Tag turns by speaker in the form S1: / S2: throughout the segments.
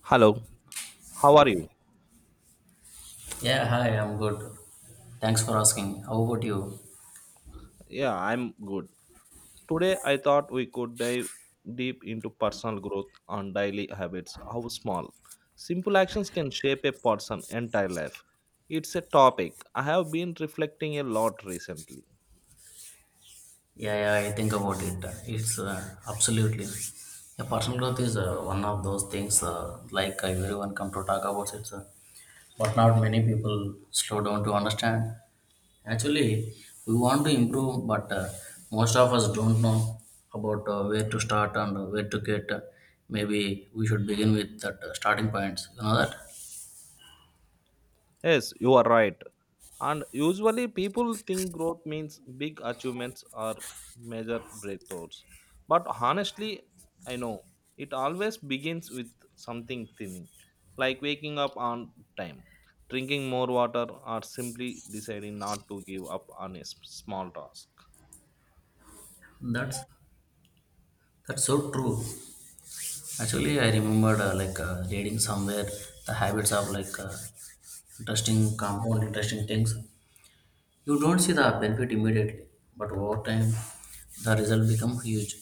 S1: Hello, how are you?
S2: Yeah, hi, I'm good. Thanks for asking. How about you?
S1: Yeah, I'm good. Today I thought we could dive deep into personal growth and daily habits, how small, simple actions can shape a person's entire life. It's a topic I have been reflecting a lot recently.
S2: Yeah, I think about it. It's absolutely. Yeah, personal growth is one of those things everyone come to talk about it, but not many people slow down to understand. Actually, we want to improve, but most of us don't know about where to start and where to get. Maybe we should begin with that starting points. You know that?
S1: Yes, you are right. And usually people think growth means big achievements or major breakthroughs. But honestly, I know it always begins with something tiny, like waking up on time, drinking more water, or simply deciding not to give up on a small task.
S2: That's that's so true. Actually, I remembered reading somewhere the habits of interesting compound, interesting things. You don't see the benefit immediately, but over time, the result become huge.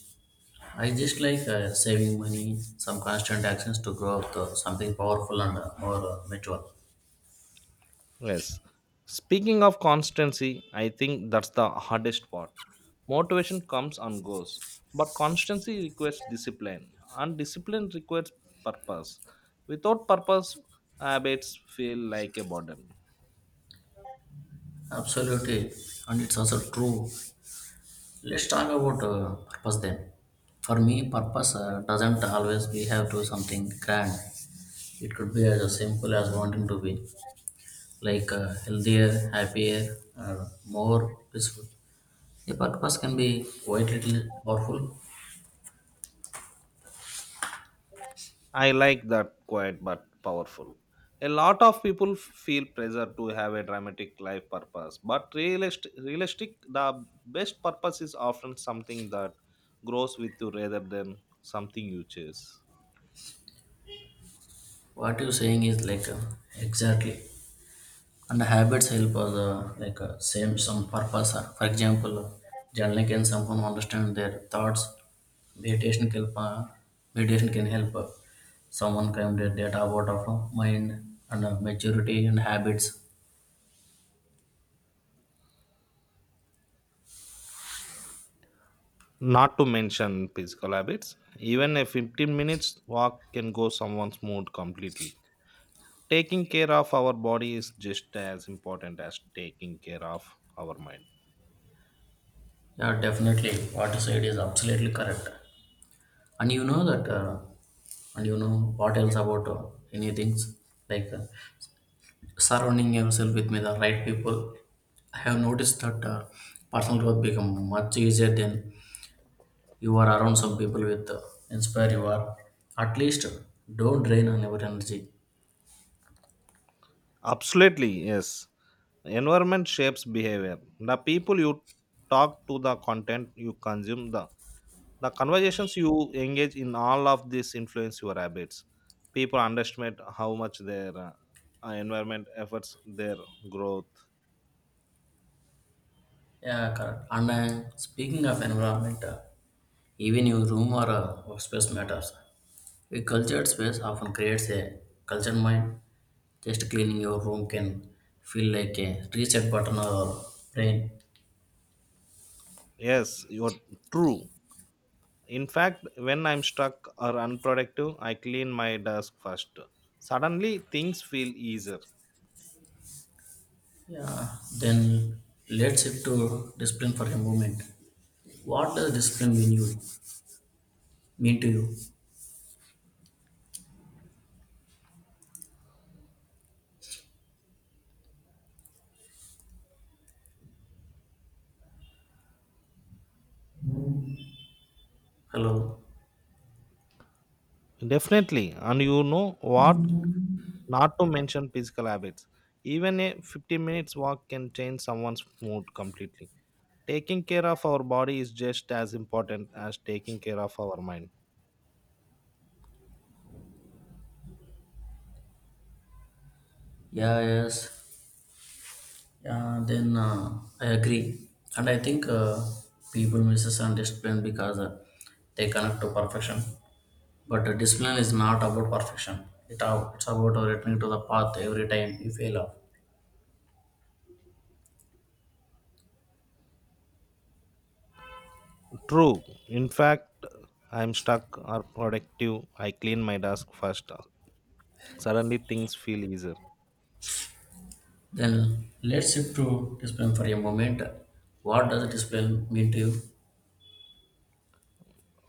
S2: I just saving money, some constant actions to grow up to something powerful and more mature.
S1: Yes. Speaking of constancy, I think that's the hardest part. Motivation comes and goes, but constancy requires discipline, and discipline requires purpose. Without purpose, habits feel like a burden.
S2: Absolutely, and it's also true. Let's talk about purpose then. For me, purpose doesn't always be have to something grand. It could be as simple as wanting to be healthier, happier, or more peaceful. The purpose can be quite little powerful.
S1: I like that quiet but powerful. A lot of people feel pressure to have a dramatic life purpose, but realistic the best purpose is often something that grows with you rather than something you chase.
S2: What you're saying is exactly, and the habits help us same some purpose. For example, journaling can someone understand their thoughts. Meditation can help. Meditation can help. Uh, Someone claim their data about of mind and maturity and habits.
S1: Not to mention physical habits, even a 15 minute minutes walk can go someone's mood completely. Taking care of our body is just as important as taking care of our mind.
S2: Yeah, definitely. What you said is absolutely correct. and you know that uh, and you know what else about any things like uh, surrounding yourself with me the right people. I have noticed that personal growth become much easier than you are around some people with inspire you are at least don't drain on your energy.
S1: Absolutely, yes. Environment shapes behavior. The people you talk to, the content you consume, the conversations you engage in, all of this influence your habits. People underestimate how much their environment affects their growth.
S2: Yeah, correct. And speaking of environment, even your room or workspace matters. A cultured space often creates a cultured mind. Just cleaning your room can feel like a reset button or brain.
S1: Yes, you're true. In fact, when I'm stuck or unproductive, I clean my desk first. Suddenly, things feel easier.
S2: Yeah. Then let's shift to discipline for a moment. What does discipline mean to you? Hello.
S1: Definitely. And you know what? Not to mention physical habits. Even a 50 minute minutes walk can change someone's mood completely. Taking care of our body is just as important as taking care of our mind.
S2: Yeah, yes. Yeah, then I agree. And I think people misunderstand discipline because they connect to perfection. But discipline is not about perfection. It's about returning to the path every time you fail off.
S1: True. In fact, I'm stuck or productive. I clean my desk first. Suddenly, things feel easier.
S2: Then let's shift to discipline for a moment. What does discipline mean to you?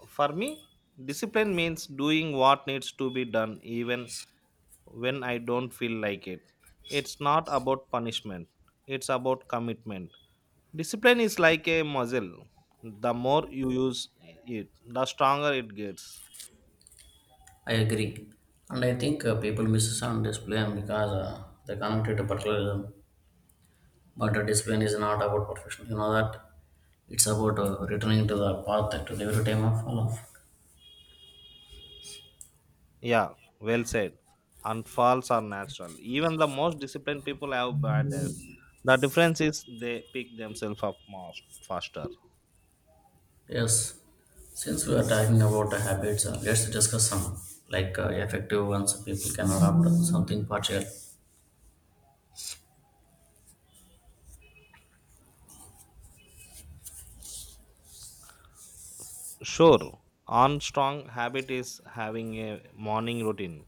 S1: For me, discipline means doing what needs to be done even when I don't feel like it. It's not about punishment, it's about commitment. Discipline is like a muscle. The more you use it, the stronger it gets.
S2: I agree. And I think people misunderstand discipline because they connect it to parallelism. But discipline is not about perfection. You know that it's about returning to the path at every time of life.
S1: Yeah, well said. And falls are natural. Even the most disciplined people have bad days. The difference is they pick themselves up most faster.
S2: Yes. Since we are talking about habits, let's discuss some effective ones people can adopt something partial.
S1: Sure, on strong habit is having a morning routine.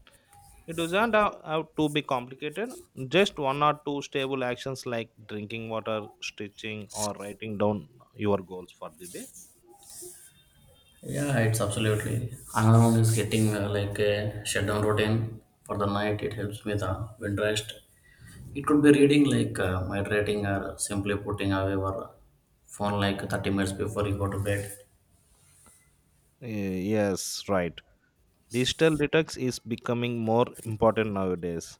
S1: It doesn't have to be complicated. Just one or two stable actions like drinking water, stitching, or writing down your goals for the day.
S2: Yeah, it's absolutely. Another one is getting like a shutdown routine for the night. It helps me the wind rest. It could be reading my rating or simply putting away our phone like 30 minutes before you go to bed.
S1: Yes, right. Digital detox is becoming more important nowadays.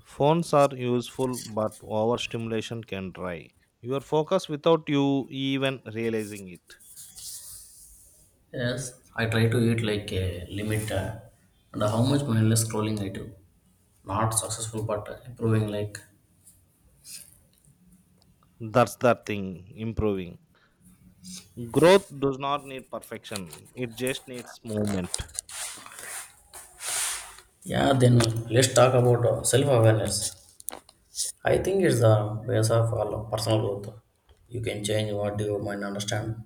S1: Phones are useful, but overstimulation can dry your focus without you even realizing it.
S2: Yes, I try to eat like a limit and how much mindless scrolling I do. Not successful, but improving. Like,
S1: That's the thing, improving. Growth does not need perfection, it just needs movement.
S2: yeah, then let's talk about self awareness. I think it's the base of all personal growth. You can change what you might understand.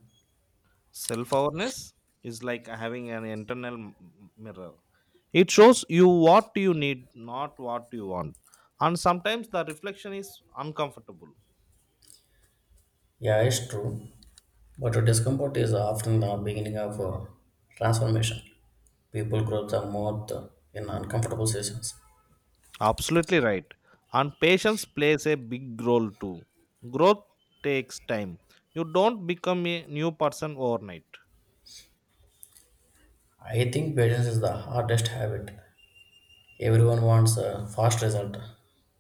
S1: Self awareness is like having an internal mirror. It shows you what you need, not what you want. And sometimes the reflection is uncomfortable.
S2: Yeah, it's true, but discomfort is often the beginning of transformation. People grow the most in uncomfortable situations.
S1: Absolutely right. And patience plays a big role too. Growth takes time. You don't become a new person overnight.
S2: I think patience is the hardest habit. Everyone wants a fast result,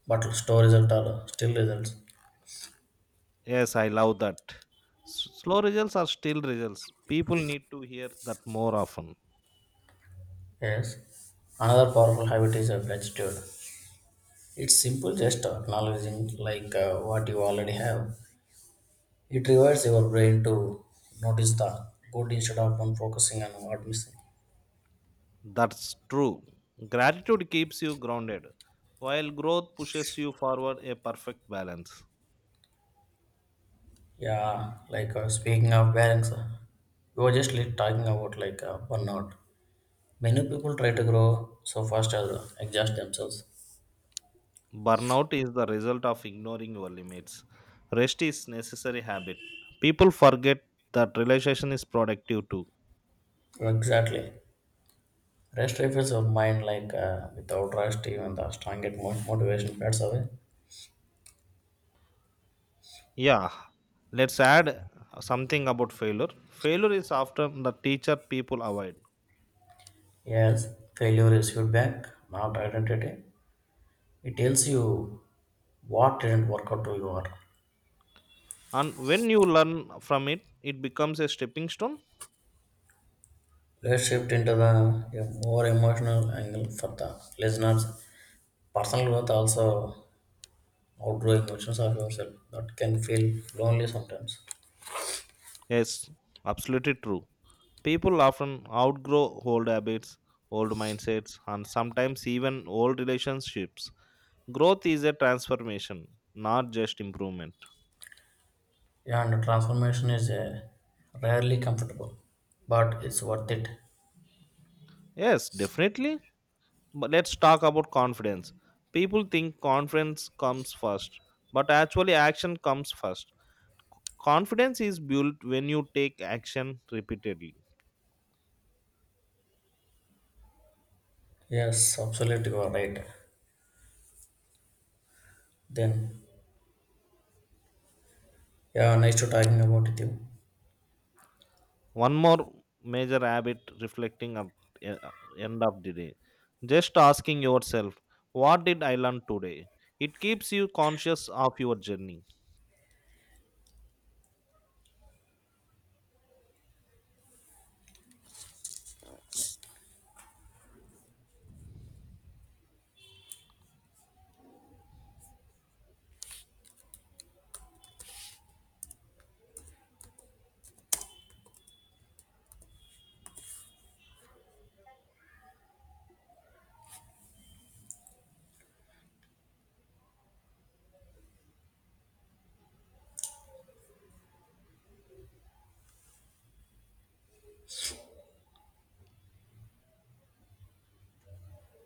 S2: but slow results are still results.
S1: Yes, I love that. Slow results are still results. People need to hear that more often.
S2: Yes. Another powerful habit is gratitude. It's simple, just acknowledging what you already have. It rewires your brain to notice the good instead of on focusing on what missing.
S1: That's true. Gratitude keeps you grounded, while growth pushes you forward a perfect balance.
S2: Yeah, speaking of balance, we were just talking about burnout. Many people try to grow so fast as exhaust themselves.
S1: Burnout is the result of ignoring your limits. Rest is necessary habit. People forget that relaxation is productive too.
S2: Exactly. Rest refills your mind without rest, even the strongest motivation fades away.
S1: Yeah, let's add something about failure. Failure is often the teacher people avoid.
S2: Yes, failure is feedback, not identity. It tells you what didn't work out to your.
S1: And when you learn from it, it becomes a stepping stone.
S2: Let's shift into the a more emotional angle for the listeners. Personal growth also outgrowing versions of yourself that can feel lonely sometimes.
S1: Yes, absolutely true. People often outgrow old habits, old mindsets, and sometimes even old relationships. Growth is a transformation, not just improvement.
S2: Yeah, and transformation is rarely comfortable, but it's worth it.
S1: Yes, definitely. But let's talk about confidence. People think confidence comes first, but actually, action comes first. Confidence is built when you take action repeatedly.
S2: Yes, absolutely, you are right. Then yeah, nice to talking about with you.
S1: One more major habit, reflecting at e- end of the day, just asking yourself what did I learn today. It keeps you conscious of your journey.